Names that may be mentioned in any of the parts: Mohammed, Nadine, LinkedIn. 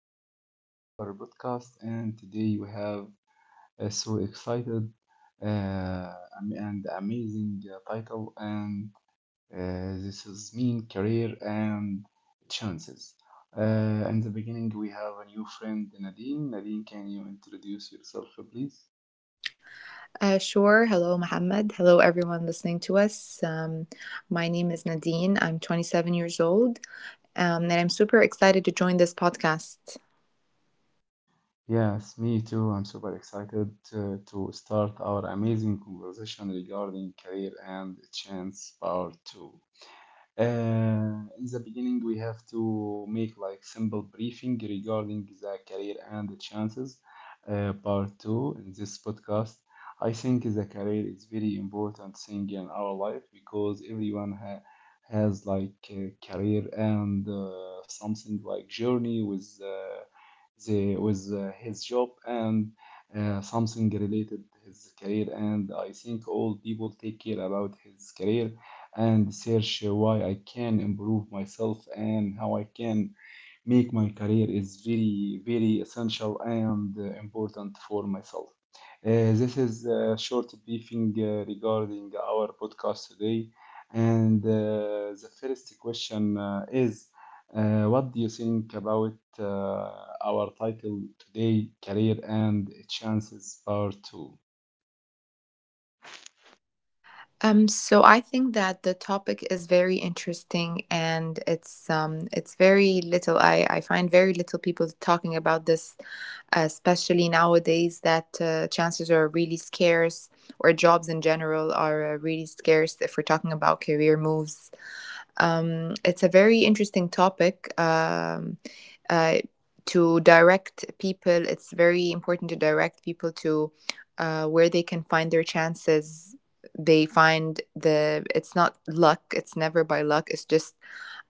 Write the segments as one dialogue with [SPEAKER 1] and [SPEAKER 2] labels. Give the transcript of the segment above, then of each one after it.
[SPEAKER 1] we're gonna start our podcast and today we have so excited. Uh, am- and amazing title and this is mean career and chances. Uh, in the beginning we have a new friend Nadine. Nadine, can you introduce yourself please?
[SPEAKER 2] Sure. Hello, Mohammed. Hello, everyone listening to us. My name is Nadine. I'm 27 years old, and I'm super excited to join this podcast.
[SPEAKER 1] Yes, me too. I'm super excited to start our amazing conversation regarding career and chance part two. In the beginning, we have to make like simple briefing regarding the career and the chances. Part two in this podcast. I think the career is very important thing in our life because everyone ha has like a career and something like journey with with his job and something related his career. And I think all people take care about his career and search why I can improve myself and how I can make my career is very, very essential and important for myself. This is a short briefing regarding our podcast today. And the first question is what do you think about our title today, Career and Chances Part 2?
[SPEAKER 2] So I think that the topic is very interesting, and it's very little. I find very little people talking about this, especially nowadays that chances are really scarce, or jobs in general are really scarce. If we're talking about career moves, it's a very interesting topic. Uh, to direct people, it's very important to direct people to where they can find their chances. They it's not luck, it's never by luck, it's just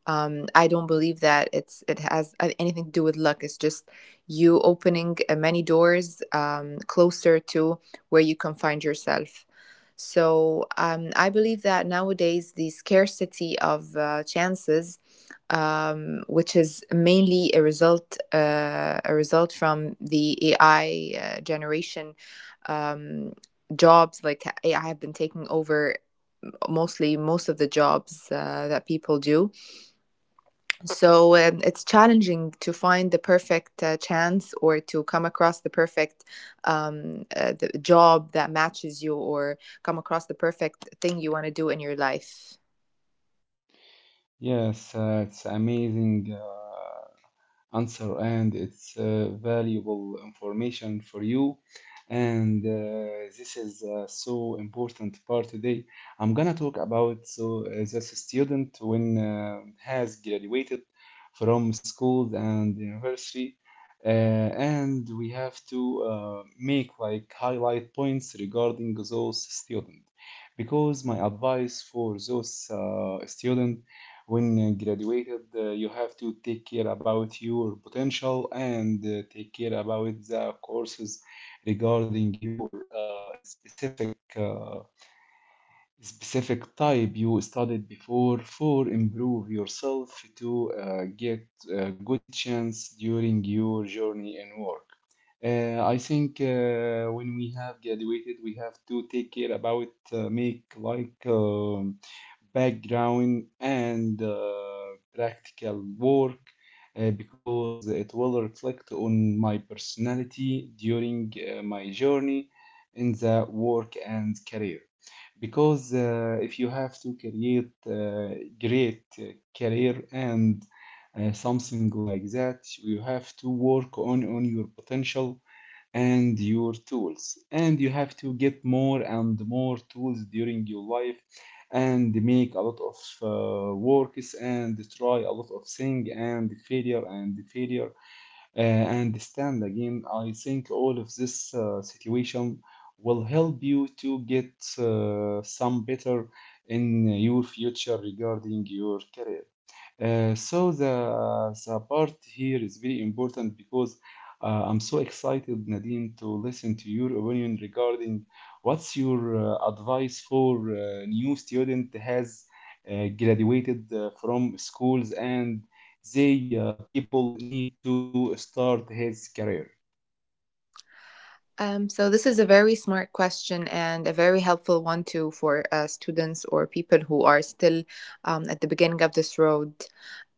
[SPEAKER 2] I don't believe that it has anything to do with luck. It's just you opening many doors closer to where you can find yourself. So I believe that nowadays the scarcity of chances, which is mainly a result from the AI generation. Um, Jobs like AI have been taking over most of the jobs that people do. So it's challenging to find the perfect chance or to come across the perfect the job that matches you or come across the perfect thing you want to do in your life.
[SPEAKER 1] Yes, it's amazing. Answer and it's valuable information for you. And this is so important part today. I'm gonna talk about so this student when has graduated from school and university, and we have to make like highlight points regarding those students because my advice for those students when graduated, you have to take care about your potential and take care about the courses regarding your specific type you studied before for improve yourself to get a good chance during your journey in work. I think when we have graduated, we have to take care about make like background and practical work because it will reflect on my personality during my journey in the work and career. Because if you have to create great career and something like that, you have to work on your potential and your tools, and you have to get more and more tools during your life and make a lot of works and try a lot of things and failure and failure and stand again. I think all of this situation will help you to get some better in your future regarding your career. So the part here is very important because I'm so excited, Nadine, to listen to your opinion regarding what's your advice for new student has graduated from schools, and they people need to start his career.
[SPEAKER 2] So this is a very smart question and a very helpful one too for students or people who are still at the beginning of this road.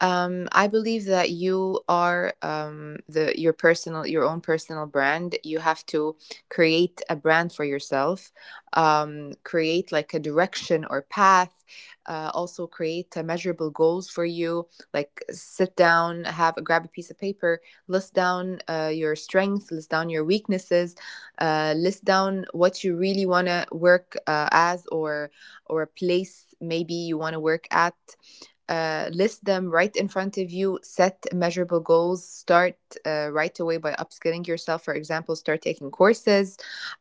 [SPEAKER 2] I believe that you are the your personal your own personal brand. You have to create a brand for yourself, create like a direction or path. Also create measurable goals for you. Like sit down, have grab a piece of paper, list down your strengths, list down your weaknesses, list down what you really want to work as, or a place maybe you want to work at, list them right in front of you, set measurable goals, start right away by upskilling yourself. For example, start taking courses,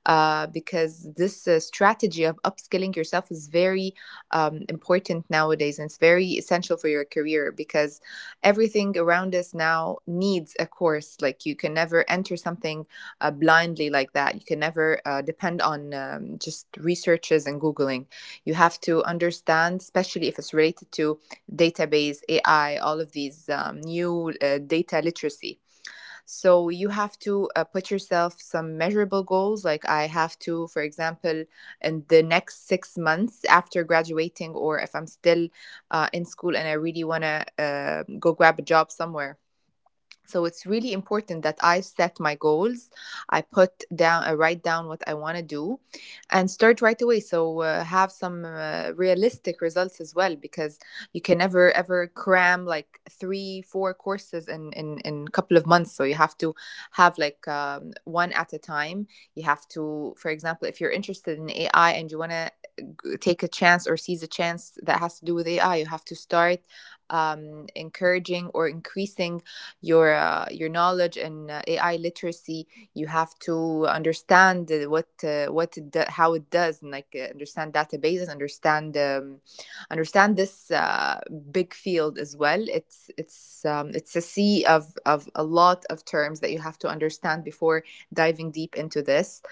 [SPEAKER 2] because this strategy of upskilling yourself is very important nowadays, and it's very essential for your career because everything around us now needs a course. Like you can never enter something blindly like that, you can never depend on just researches and Googling. You have to understand, especially if it's related to database, AI, all of these new data literacy. So you have to put yourself some measurable goals. Like I have to, for example, in the next 6 months after graduating, or if I'm still in school and I really want to go grab a job somewhere, so it's really important that I set my goals. I put down, I write down what I want to do, and start right away. So have some realistic results as well, because you can never ever cram like three, four courses in a couple of months. So you have to have like one at a time. You have to, for example, if you're interested in AI and you want to take a chance or seize a chance that has to do with AI, you have to start encouraging or increasing your knowledge and AI literacy. You have to understand what how it does, and like understand databases, understand understand this big field as well. It's a sea of a lot of terms that you have to understand before diving deep into this.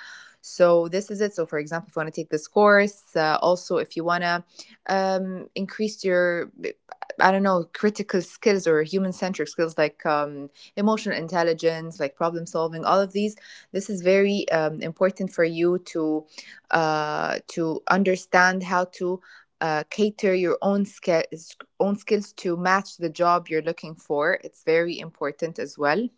[SPEAKER 2] So this is it. So for example, if you want to take this course, also if you want to increase your, I don't know, critical skills or human centric skills like emotional intelligence, like problem solving, all of these. This is very important for you to understand how to cater your own skills to match the job you're looking for. It's very important as well.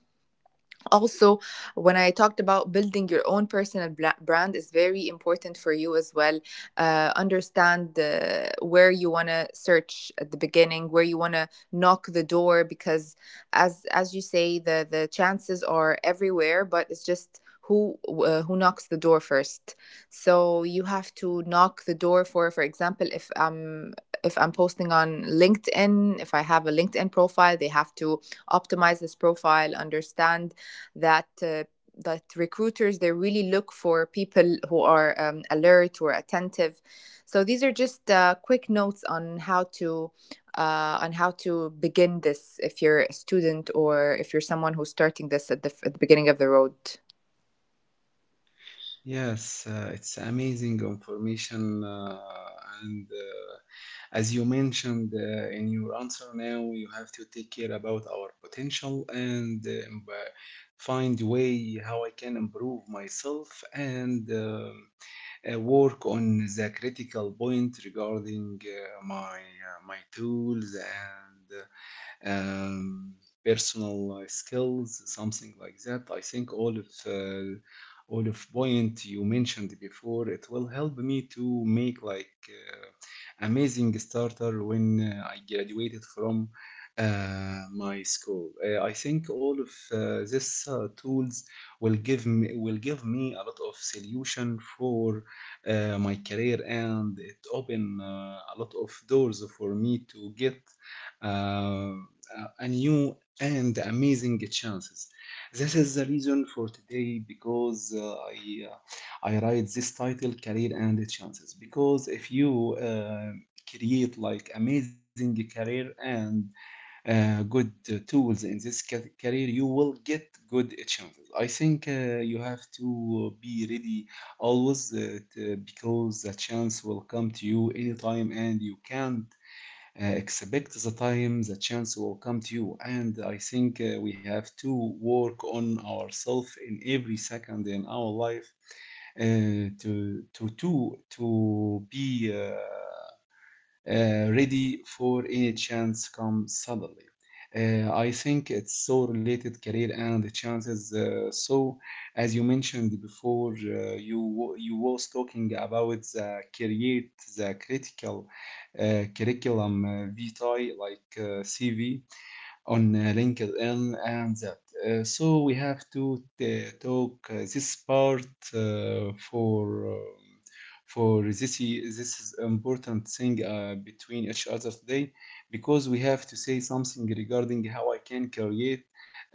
[SPEAKER 2] Also, when I talked about building your own personal brand, is very important for you as well understand where you want to search at the beginning, where you want to knock the door, because as you say, the chances are everywhere, but it's just who, who knocks the door first. So you have to knock the door. For example, if I'm posting on LinkedIn, if I have a LinkedIn profile, they have to optimize this profile, understand that uh, that recruiters, they really look for people who are alert or attentive. So these are just quick notes on how to on how to begin this if you're a student or if you're someone who's starting this at the beginning of the road.
[SPEAKER 1] Yes, it's amazing information. And as you mentioned in your answer now, you have to take care about our potential and find way how I can improve myself, and work on the critical point regarding my tools and um, personal skills, something like that. I think all of point you mentioned before, it will help me to make like amazing starter when I graduated from my school. I think all of these tools will give me a lot of solution for my career, and it open a lot of doors for me to get uh, a new and amazing chances. This is the reason for today because I write this title career and chances because if you create like amazing career and good tools in this career, you will get good chances. I think you have to be ready always because the chance will come to you anytime, and you can expect the time the chance will come to you. And I think we have to work on ourselves in every second in our life to be ready for any chance come suddenly. I think it's so related career and chances. So, as you mentioned before, you you was talking about the create the critical curriculum vitae like CV on LinkedIn and that. So we have to talk this part uh, for um, for this is important thing between each other today because we have to say something regarding how I can create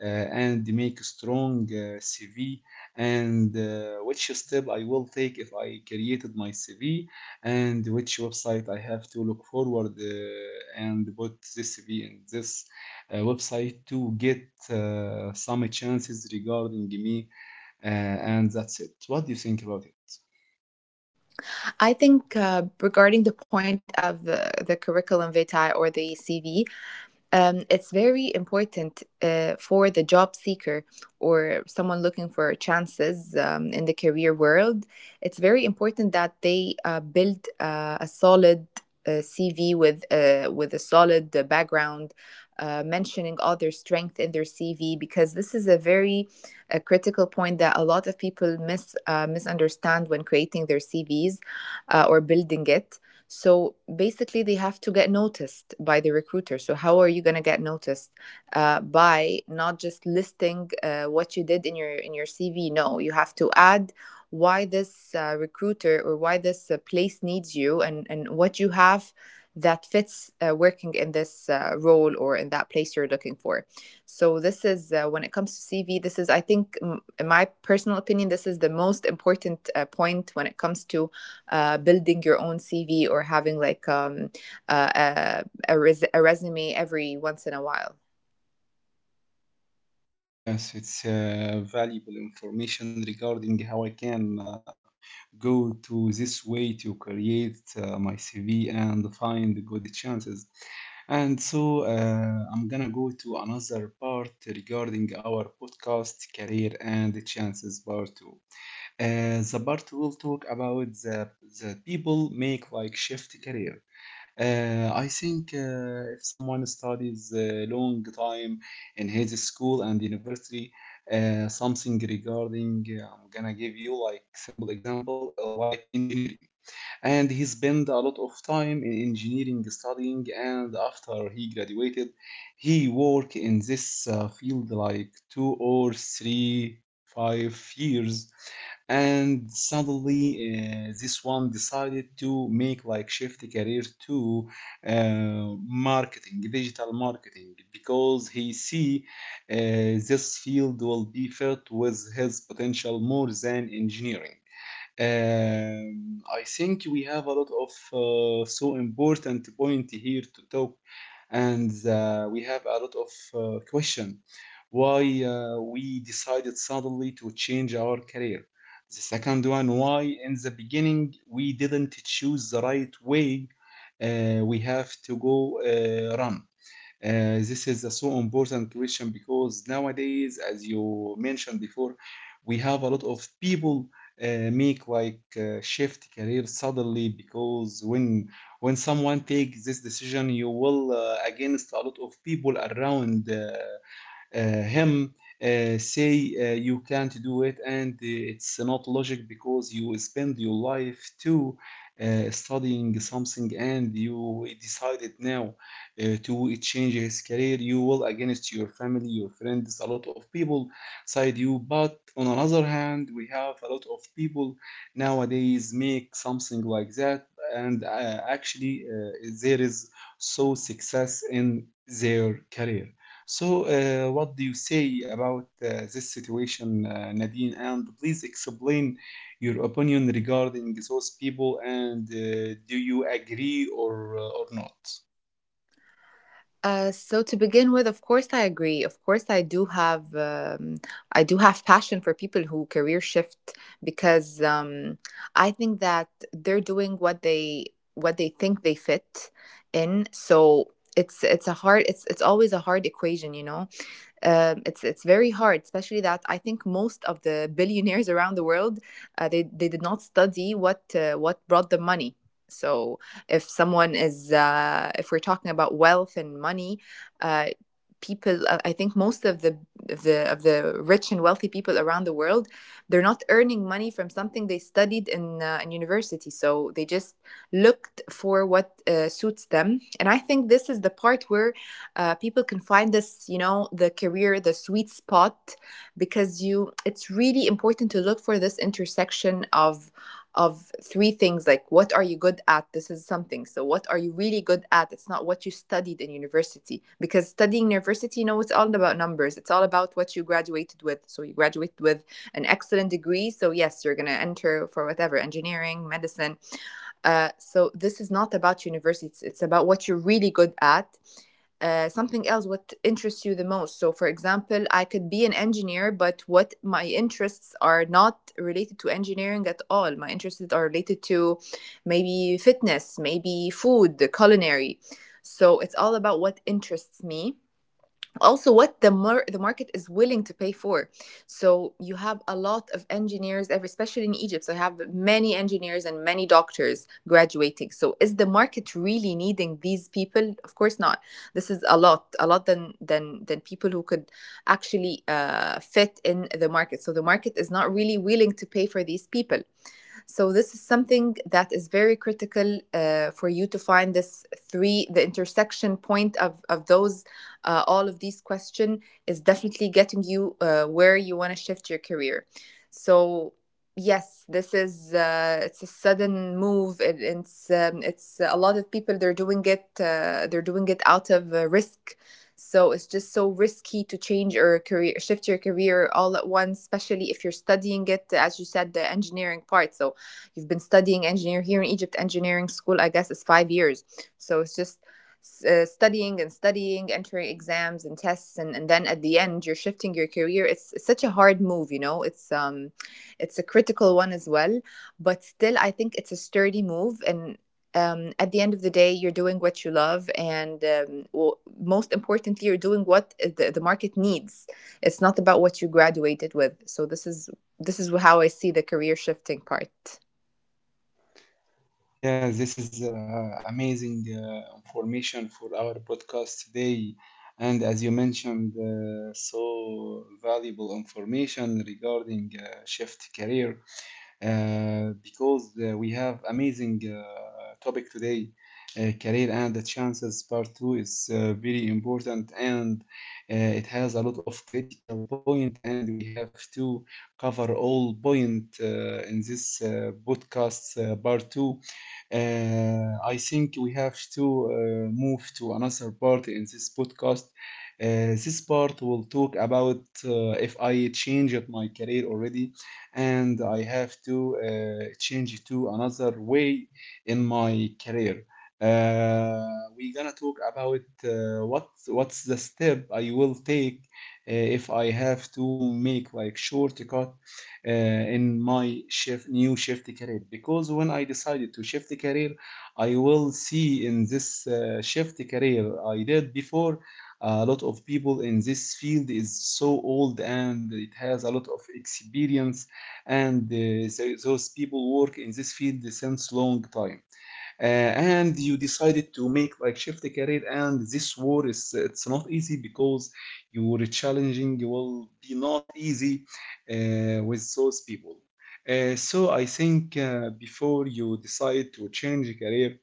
[SPEAKER 1] and make strong CV, and which step I will take if I created my CV, and which website I have to look forward and put this CV in this website to get some chances regarding me, and that's it. What do you think about it?
[SPEAKER 2] I think regarding the point of the curriculum vitae or the CV, it's very important for the job seeker or someone looking for chances in the career world. It's very important that they build a solid CV with a solid background, mentioning all their strength in their CV, because this is a very critical point that a lot of people misunderstand when creating their CVs, or building it. So basically, they have to get noticed by the recruiter. So, how are you going to get noticed? By not just listing what you did in your CV. No, you have to add why this recruiter or why this place needs you, and what you have that fits working in this role or in that place you're looking for. So this is when it comes to CV. This is, I think, in my personal opinion, this is the most important point when it comes to building your own CV or having like uh, a, a resume every once in a while.
[SPEAKER 1] Yes, it's valuable information regarding how I can go to this way to create my CV and find good chances. And so I'm gonna go to another part regarding our podcast career and chances part two. The part will talk about the people make like shift career. I think if someone studies a long time in his school and university, something regarding I'm gonna give you like simple example like engineering, and he spent a lot of time in engineering studying. And after he graduated, he work in this field like 2 or 3 5 years, and suddenly this one decided to make like shift career to marketing digital marketing because he see this field will be filled with his potential more than engineering. I think we have a lot of so important point here to talk, and we have a lot of question why we decided suddenly to change our career. The second one, why in the beginning we didn't choose the right way we have to go run. This is a so important question because nowadays, as you mentioned before, we have a lot of people make like shift career suddenly because when someone takes this decision, you will against a lot of people around. Him say you can't do it, and it's not logic because you spend your life to studying something, and you decided now to change his career. You will against your family, your friends, a lot of people side you. But on another hand, we have a lot of people nowadays make something like that, and actually there is so success in their career. So, what do you say about this situation, Nadine? And please explain your opinion regarding those people, and do you agree or not?
[SPEAKER 2] So to begin with, of course I agree. Of course I do have passion for people who career shift, because I think that they're doing what they, what they think they fit in. So it's always a hard equation, you know. It's very hard, especially that I think most of the billionaires around the world, they did not study what brought them money. So if someone is if we're talking about wealth and money, uh, people I think most of the of the of the rich and wealthy people around the world, they're not earning money from something they studied in university. So they just looked for what suits them, and I think this is the part where people can find this, you know, the career, the sweet spot. Because you, it's really important to look for this intersection of three things, like what are you good at. This is something. So what are you really good at? It's not what you studied in university, because studying university, you know, it's all about numbers, it's all about what you graduated with. So you graduated with an excellent degree, so yes, you're going to enter for whatever, engineering, medicine. So this is not about universities, it's about what you're really good at. Something else, what interests you the most. So for example, I could be an engineer, but what, my interests are not related to engineering at all. My interests are related to maybe fitness, maybe food, culinary. So it's all about what interests me. Also, what the the market is willing to pay for. So you have a lot of engineers, especially in Egypt. So you have many engineers and many doctors graduating. So is the market really needing these people? Of course not. This is a lot, a lot, than people who could actually fit in the market. So the market is not really willing to pay for these people. So this is something that is very critical for you to find this three, the intersection point of those, all of these questions is definitely getting you where you want to shift your career. So yes, this is it's a sudden move. It's a lot of people, they're doing it, they're doing it out of risk. So it's just so risky to change your career, shift your career all at once, especially if you're studying it, as you said, the engineering part. So you've been studying engineer here in Egypt, engineering school I guess is 5 years. So it's just studying and studying, entering exams and tests, and then at the end you're shifting your career. It's such a hard move. You know. It's it's a critical one as well, but still I think it's a sturdy move. And. At the end of the day, you're doing what you love, and most importantly, you're doing what the market needs. It's not about what you graduated with. So this is how I see the career shifting part.
[SPEAKER 1] Yeah, this is amazing information for our podcast today. And as you mentioned, so valuable information regarding shift career. Because we have amazing topic today. Career and the chances part two is very important, and it has a lot of critical point, and we have to cover all point in this podcast part two. I think we have to move to another part in this podcast. This part will talk about if I changed my career already, and I have to change it to another way in my career. Uh, we're gonna talk about what's the step I will take if I have to make like shortcut uh, in my shift new shift career. Because when I decided to shift career, I will see in this shift career I did before a lot of people in this field is so old and it has a lot of experience, and so those people work in this field since long time, and you decided to make like shift a career, and this war is it's not easy because you were challenging, you will be not easy with those people. So I think before you decide to change career,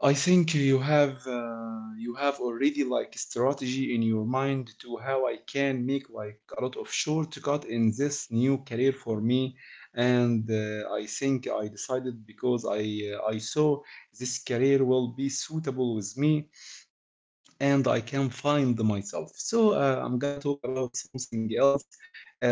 [SPEAKER 1] I think you have already like strategy in your mind to how I can make like a lot of shortcut in this new career for me. And I think I decided because I saw this career will be suitable with me, and I can find myself. So I'm gonna talk about something else.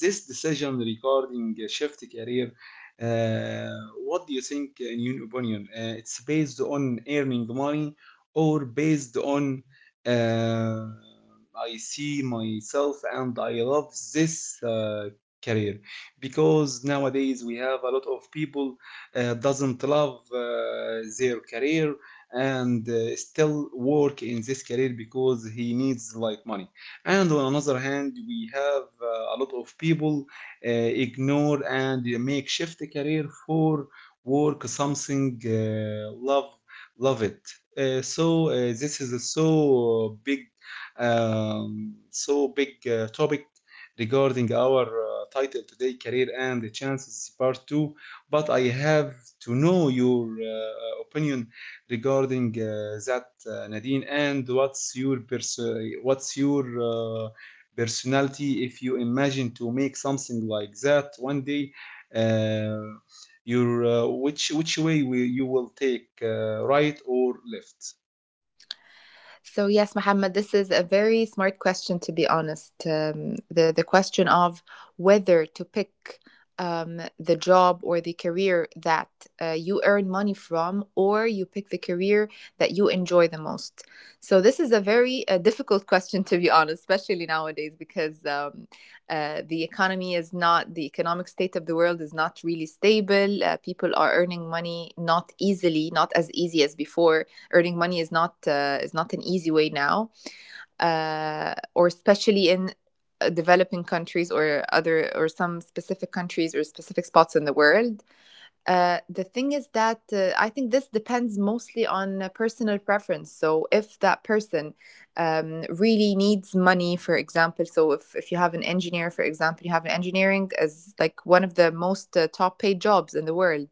[SPEAKER 1] This decision regarding shift career. Uh, what do you think, in your opinion? It's based on earning money or based on uh, I see myself and I love this career, because nowadays we have a lot of people doesn't love their career, and still work in this career because he needs like money. And on another hand, we have a lot of people ignore and make shift career for work something love love it. Uh, so uh, this is a so big, um, so big topic regarding our title today, career and the chances part 2. But I have to know your opinion regarding that, Nadine. And what's your uh, personality if you imagine to make something like that one day? Uh, your which way will you will take, right or left?
[SPEAKER 2] So yes, Mohammed, this is a very smart question, to be honest. The question of whether to pick the job or the career that you earn money from, or you pick the career that you enjoy the most. So this is a very difficult question, to be honest, especially nowadays because the economy is not — the economic state of the world is not really stable. People are earning money not easily, not as easy as before. Earning money is not an easy way now, or especially in developing countries, or other, or some specific countries or specific spots in the world. The thing is that I think this depends mostly on personal preference. So, if that person really needs money, for example, so if you have an engineer, for example, you have an engineering as like one of the most top paid jobs in the world.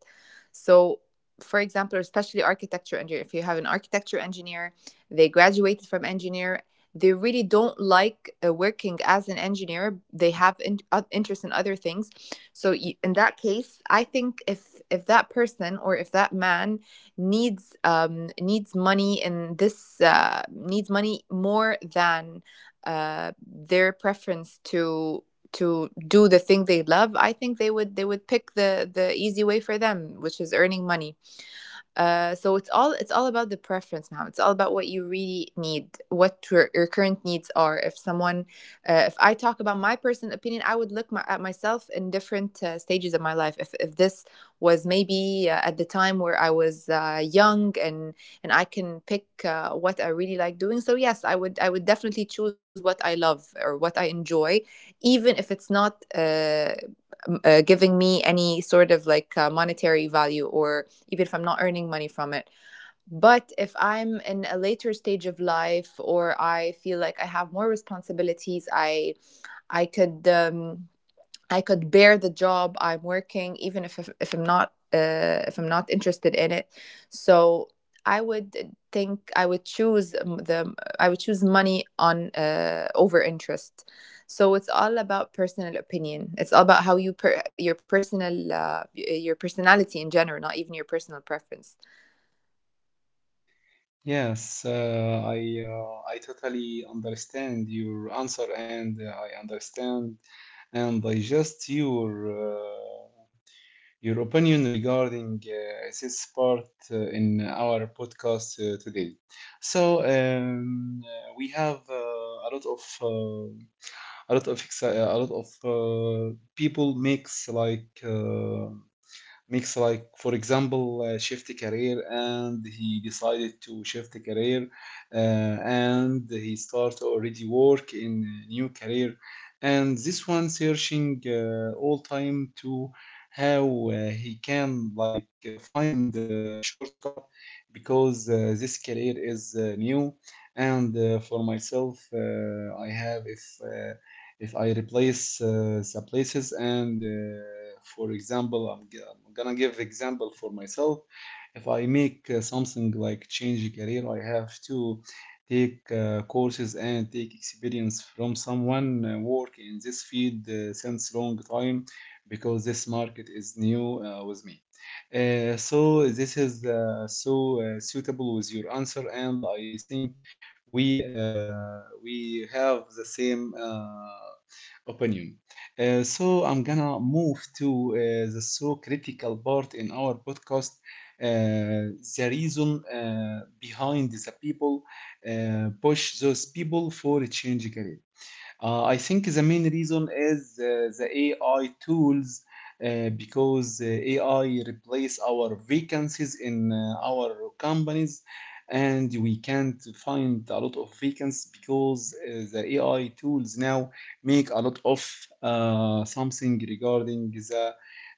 [SPEAKER 2] So, for example, especially architecture engineer, if you have an architecture engineer, they graduated from engineer. They really don't like working as an engineer. They have interest in other things. So in that case, I think if that person, or if that man, needs money in this needs money more than their preference to do the thing they love, I think they would pick the easy way for them, which is earning money. So it's all about the preference now. It's all about what you really need, what your current needs are. If someone, if I talk about my personal opinion, I would look at myself in different stages of my life. If this was maybe at the time where I was young and I can pick what I really like doing, so yes, I would definitely choose what I love or what I enjoy, even if it's not giving me any sort of like monetary value, or even if I'm not earning money from it. But if I'm in a later stage of life or I feel like I have more responsibilities, I could I could bear the job I'm working, even if I'm not if I'm not interested in it. So I would think I would choose the I would choose money on over interest. So it's all about personal opinion. It's all about how your personal your personality in general, not even your personal preference.
[SPEAKER 1] Yes, I totally understand your answer, and I understand and digest your. Your opinion regarding this part in our podcast today. So we have a lot of people makes like. Makes like, for example, shift career, and he decided to shift career, and he start already work in a new career. And this one searching all time to how he can like find the shortcut, because this career is new. And for myself, I have if I replace the places. And for example, I'm gonna give example for myself. If I make something like change career, I have to take courses and take experience from someone work in this field since long time, because this market is new with me. So this is suitable with your answer, and I think we we have the same opinion. So I'm gonna move to the so critical part in our podcast, the reason behind the people push those people for a change career. I think the main reason is the AI tools, because AI replace our vacancies in our companies, and we can't find a lot of vacancies because the AI tools now make a lot of something regarding the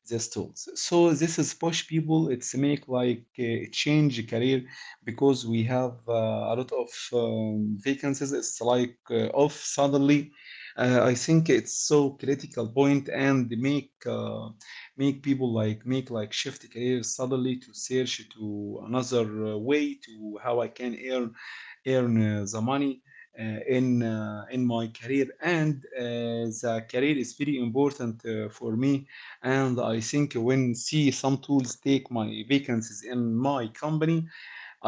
[SPEAKER 1] these tools. So this is push people. It's make like change career, because we have a lot of vacancies. It's like off suddenly. I think it's so critical point and make make people like make like shift careers suddenly to search to another way to how I can earn the money in my career. And the career is very important for me, and I think when see some tools take my vacancies in my company,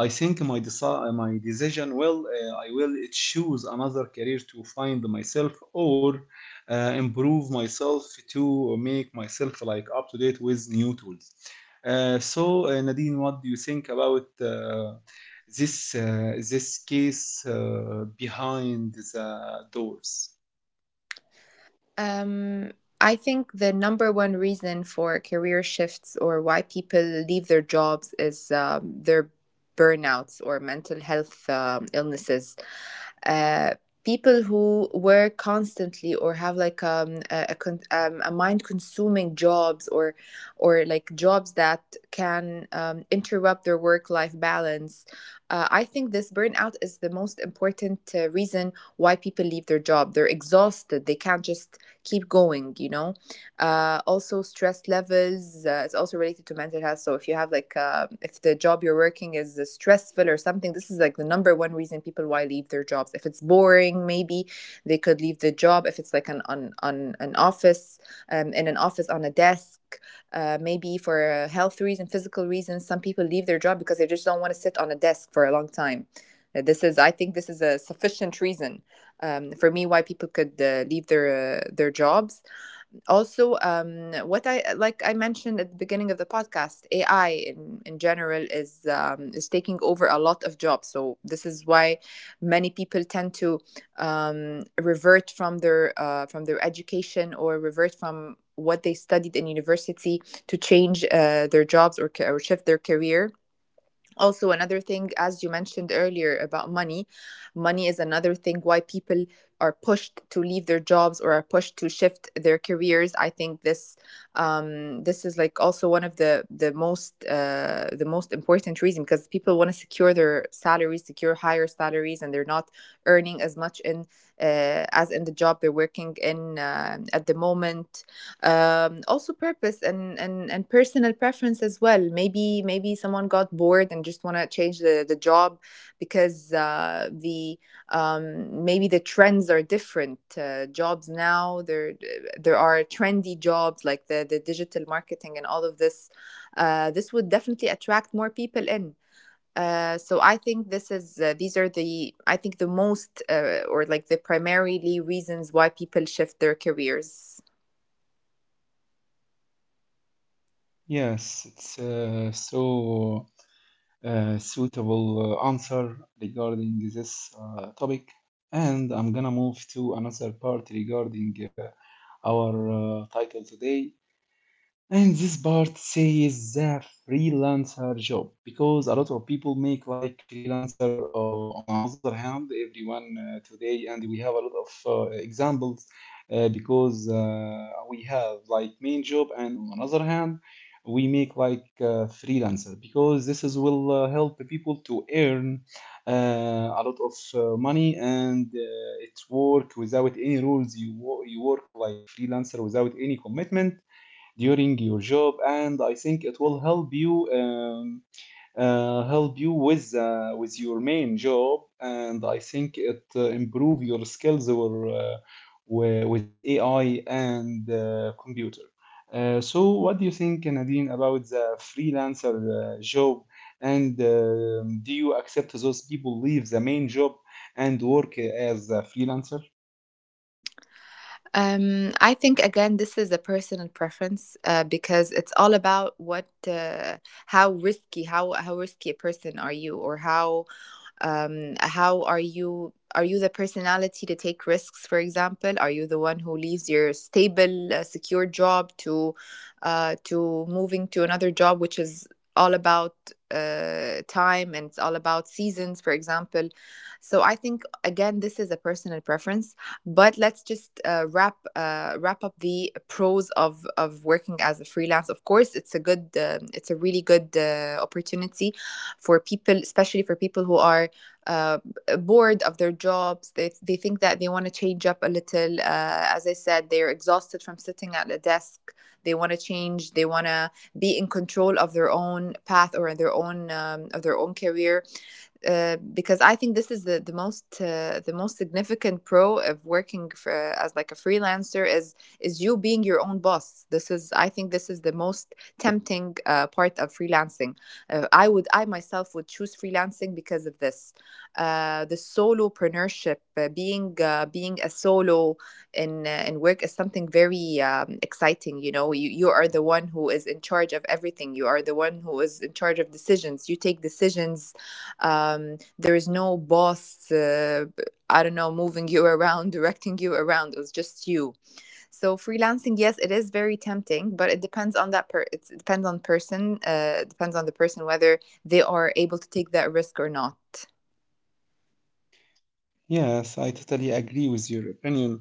[SPEAKER 1] I think my deci- my decision will, I will choose another career to find myself or improve myself to make myself like up to date with new tools. Nadine, what do you think about this case behind the doors?
[SPEAKER 2] Um, I think the number one reason for career shifts, or why people leave their jobs, is their burnouts or mental health illnesses. Uh, people who work constantly or have like a mind-consuming jobs, or like jobs that can interrupt their work-life balance. I think this burnout is the most important reason why people leave their job. They're exhausted. They can't just keep going, you know. Uh, also stress levels is also related to mental health. So if you have like if the job you're working is stressful or something, this is like the number one reason people why leave their jobs. If it's boring, maybe they could leave the job. If it's like on an office, in an office, on a desk, maybe for health reasons, physical reasons. Some people leave their job because they just don't want to sit on a desk for a long time. This is — I think this is a sufficient reason, for me, why people could leave their their jobs. Also, what I like I mentioned at the beginning of the podcast, AI in general, is taking over a lot of jobs. So this is why many people tend to revert from their education, or revert from what they studied in university, to change their jobs, or shift their career. Also another thing, as you mentioned earlier about money, money is another thing why people are pushed to leave their jobs, or are pushed to shift their careers. I think this is like also one of the most important reason, because people want to secure their salaries, secure higher salaries, and they're not earning as much in as in the job they're working in at the moment. Um, also purpose, and and personal preference as well. Maybe someone got bored and just want to change the job, because the maybe the trends are different. Uh, jobs now, there are trendy jobs, like the digital marketing and all of this. Uh, this would definitely attract more people in. Uh, so I think this is these are the I think the most or like the primarily reasons why people shift their careers.
[SPEAKER 1] Yes, it's suitable answer regarding this topic. And I'm gonna move to another part regarding our title today. And this part says the freelancer job, because a lot of people make like freelancer. On the other hand, everyone today, and we have a lot of examples, because we have like main job, and on the other hand, we make like freelancer, because this is will help people to earn a lot of money, and it's work without any rules. You work like freelancer without any commitment during your job, and I think it will help you, help you with your main job, and I think it improve your skills or with AI and computer. So, what do you think, Nadine, about the freelancer job? And um, do you accept those people leave the main job and work as a freelancer?
[SPEAKER 2] I think again, this is a personal preference, because it's all about what, how risky — how risky a person are you, or how are you the personality to take risks? For example, are you the one who leaves your stable secure job to moving to another job, which is all about time, and it's all about seasons, for example. So I think again, this is a personal preference. But let's just wrap up the pros of working as a freelance. Of course, it's a good it's a really good opportunity for people, especially for people who are uh, bored of their jobs. They think that they want to change up a little. As I said, they're exhausted from sitting at a desk. They want to change. They want to be in control of their own path, or their own of their own career, because I think this is the the most significant pro of working as like a freelancer, is you being your own boss. This is — I think this is the most tempting part of freelancing. I would — I myself would choose freelancing because of this, the solopreneurship, being a solo in work is something very exciting. You know, you are the one who is in charge of everything. You are the one who is in charge of decisions. You take decisions. There is no boss, I don't know, moving you around, directing you around. It was just you. So freelancing, yes, it is very tempting, but it depends on it depends on person. It depends on the person whether they are able to take that risk or not.
[SPEAKER 1] Yes, I totally agree with your opinion.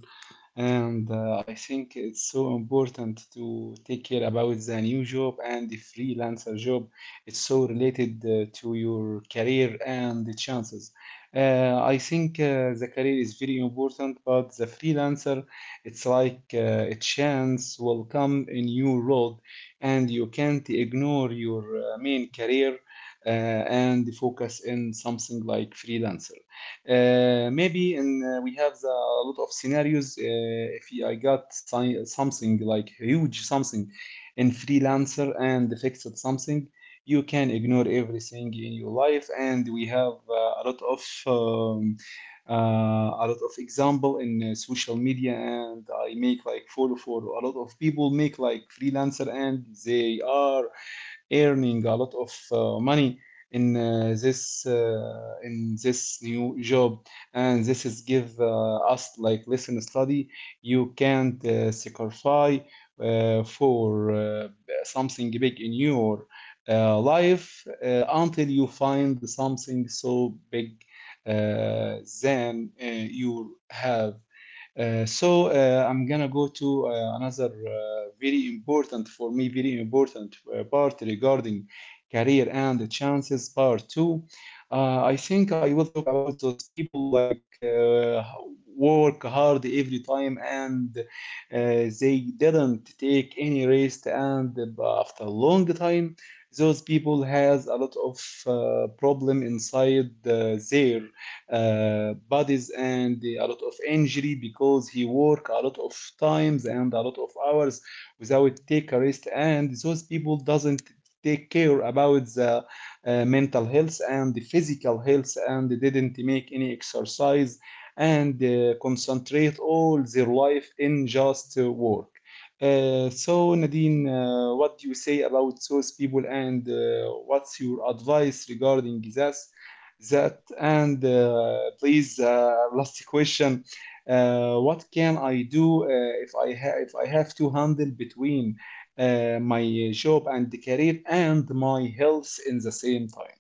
[SPEAKER 1] And I think it's so important to take care about the new job and the freelancer job. It's so related to your career and the chances. I think The career is very important, but the freelancer, it's like a chance will come in your road, and you can't ignore your main career, and focus in something like freelancer. Maybe in We have the, a lot of scenarios. If I got something like huge something in freelancer and fixed something, you can ignore everything in your life. And we have a lot of example in social media. And I make like follow for a lot of people make like freelancer, and they are earning a lot of money in this new job, and this is give us like listen study. You can't sacrifice for something big in your life until you find something so big uh, than you have. I'm gonna go to another very important for me, very important part regarding career and chances, part two. I think I will talk about those people like work hard every time, and they didn't take any rest, and after a long time, those people has a lot of problem inside their bodies, and a lot of injury, because he work a lot of times and a lot of hours without take a rest, and those people doesn't take care about the mental health and the physical health, and they didn't make any exercise, and concentrate all their life in just work. So Nadine, what do you say about those people, and what's your advice regarding this? That, and please, last question. What can I do if I have to handle between my job and the career and my health in the same time?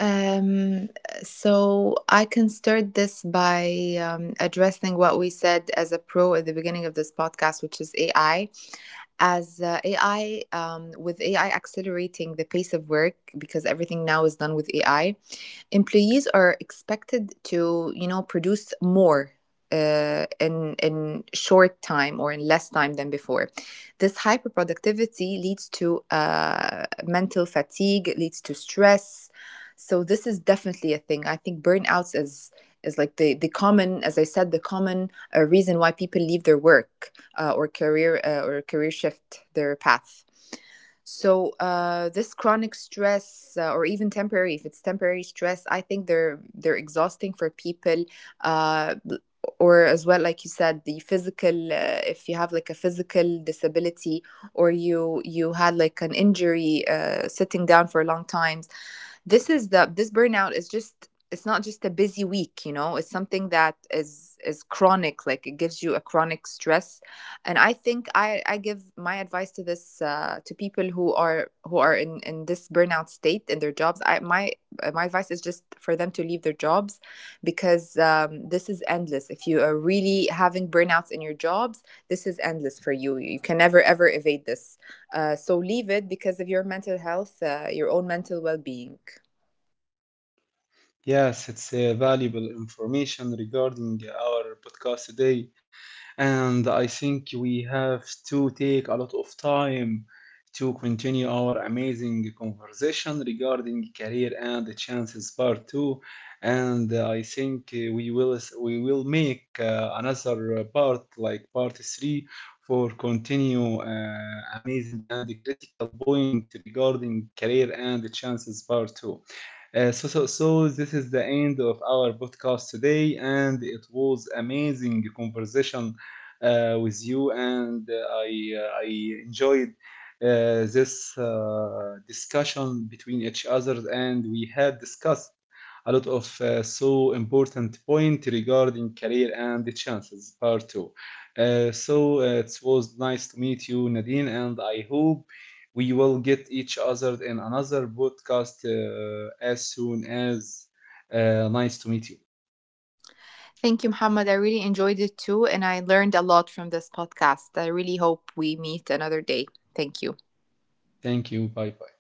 [SPEAKER 2] um, so I can start this by addressing what we said as a pro at the beginning of this podcast, which is AI. As AI, with AI accelerating the pace of work, because everything now is done with AI, employees are expected to, you know, produce more in short time, or in less time than before. This hyperproductivity leads to mental fatigue. It leads to stress. So this is definitely a thing. I think burnouts is like the common, as I said, the common reason why people leave their work or career shift their path. So this chronic stress, or even temporary — if it's temporary stress, I think they're exhausting for people. Uh, b- or as well, like you said, the physical. If you have like a physical disability, or you had like an injury, sitting down for long times, this burnout is just — it's not just a busy week, you know. It's something that is chronic, like it gives you a chronic stress. And I think I give my advice to this, to people who are in this burnout state in their jobs. I my my advice is just for them to leave their jobs, because this is endless. If you are really having burnouts in your jobs, this is endless for you. You can never ever evade this. Uh, so leave it because of your mental health, your own mental well-being.
[SPEAKER 1] Yes, it's valuable information regarding our podcast today. And I think we have to take a lot of time to continue our amazing conversation regarding career and the chances part two. And I think we will make another part like part 3 for continue amazing and critical point regarding career and the chances part two. So this is the end of our podcast today, and it was amazing conversation with you, and I enjoyed this discussion between each other, and we had discussed a lot of so important point regarding career and the chances part two. It was nice to meet you, Nadine, and I hope we will get each other in another podcast as soon as. Nice to meet you.
[SPEAKER 2] Thank you, Muhammad. I really enjoyed it too, and I learned a lot from this podcast. I really hope we meet another day. Thank you.
[SPEAKER 1] Thank you. Bye bye.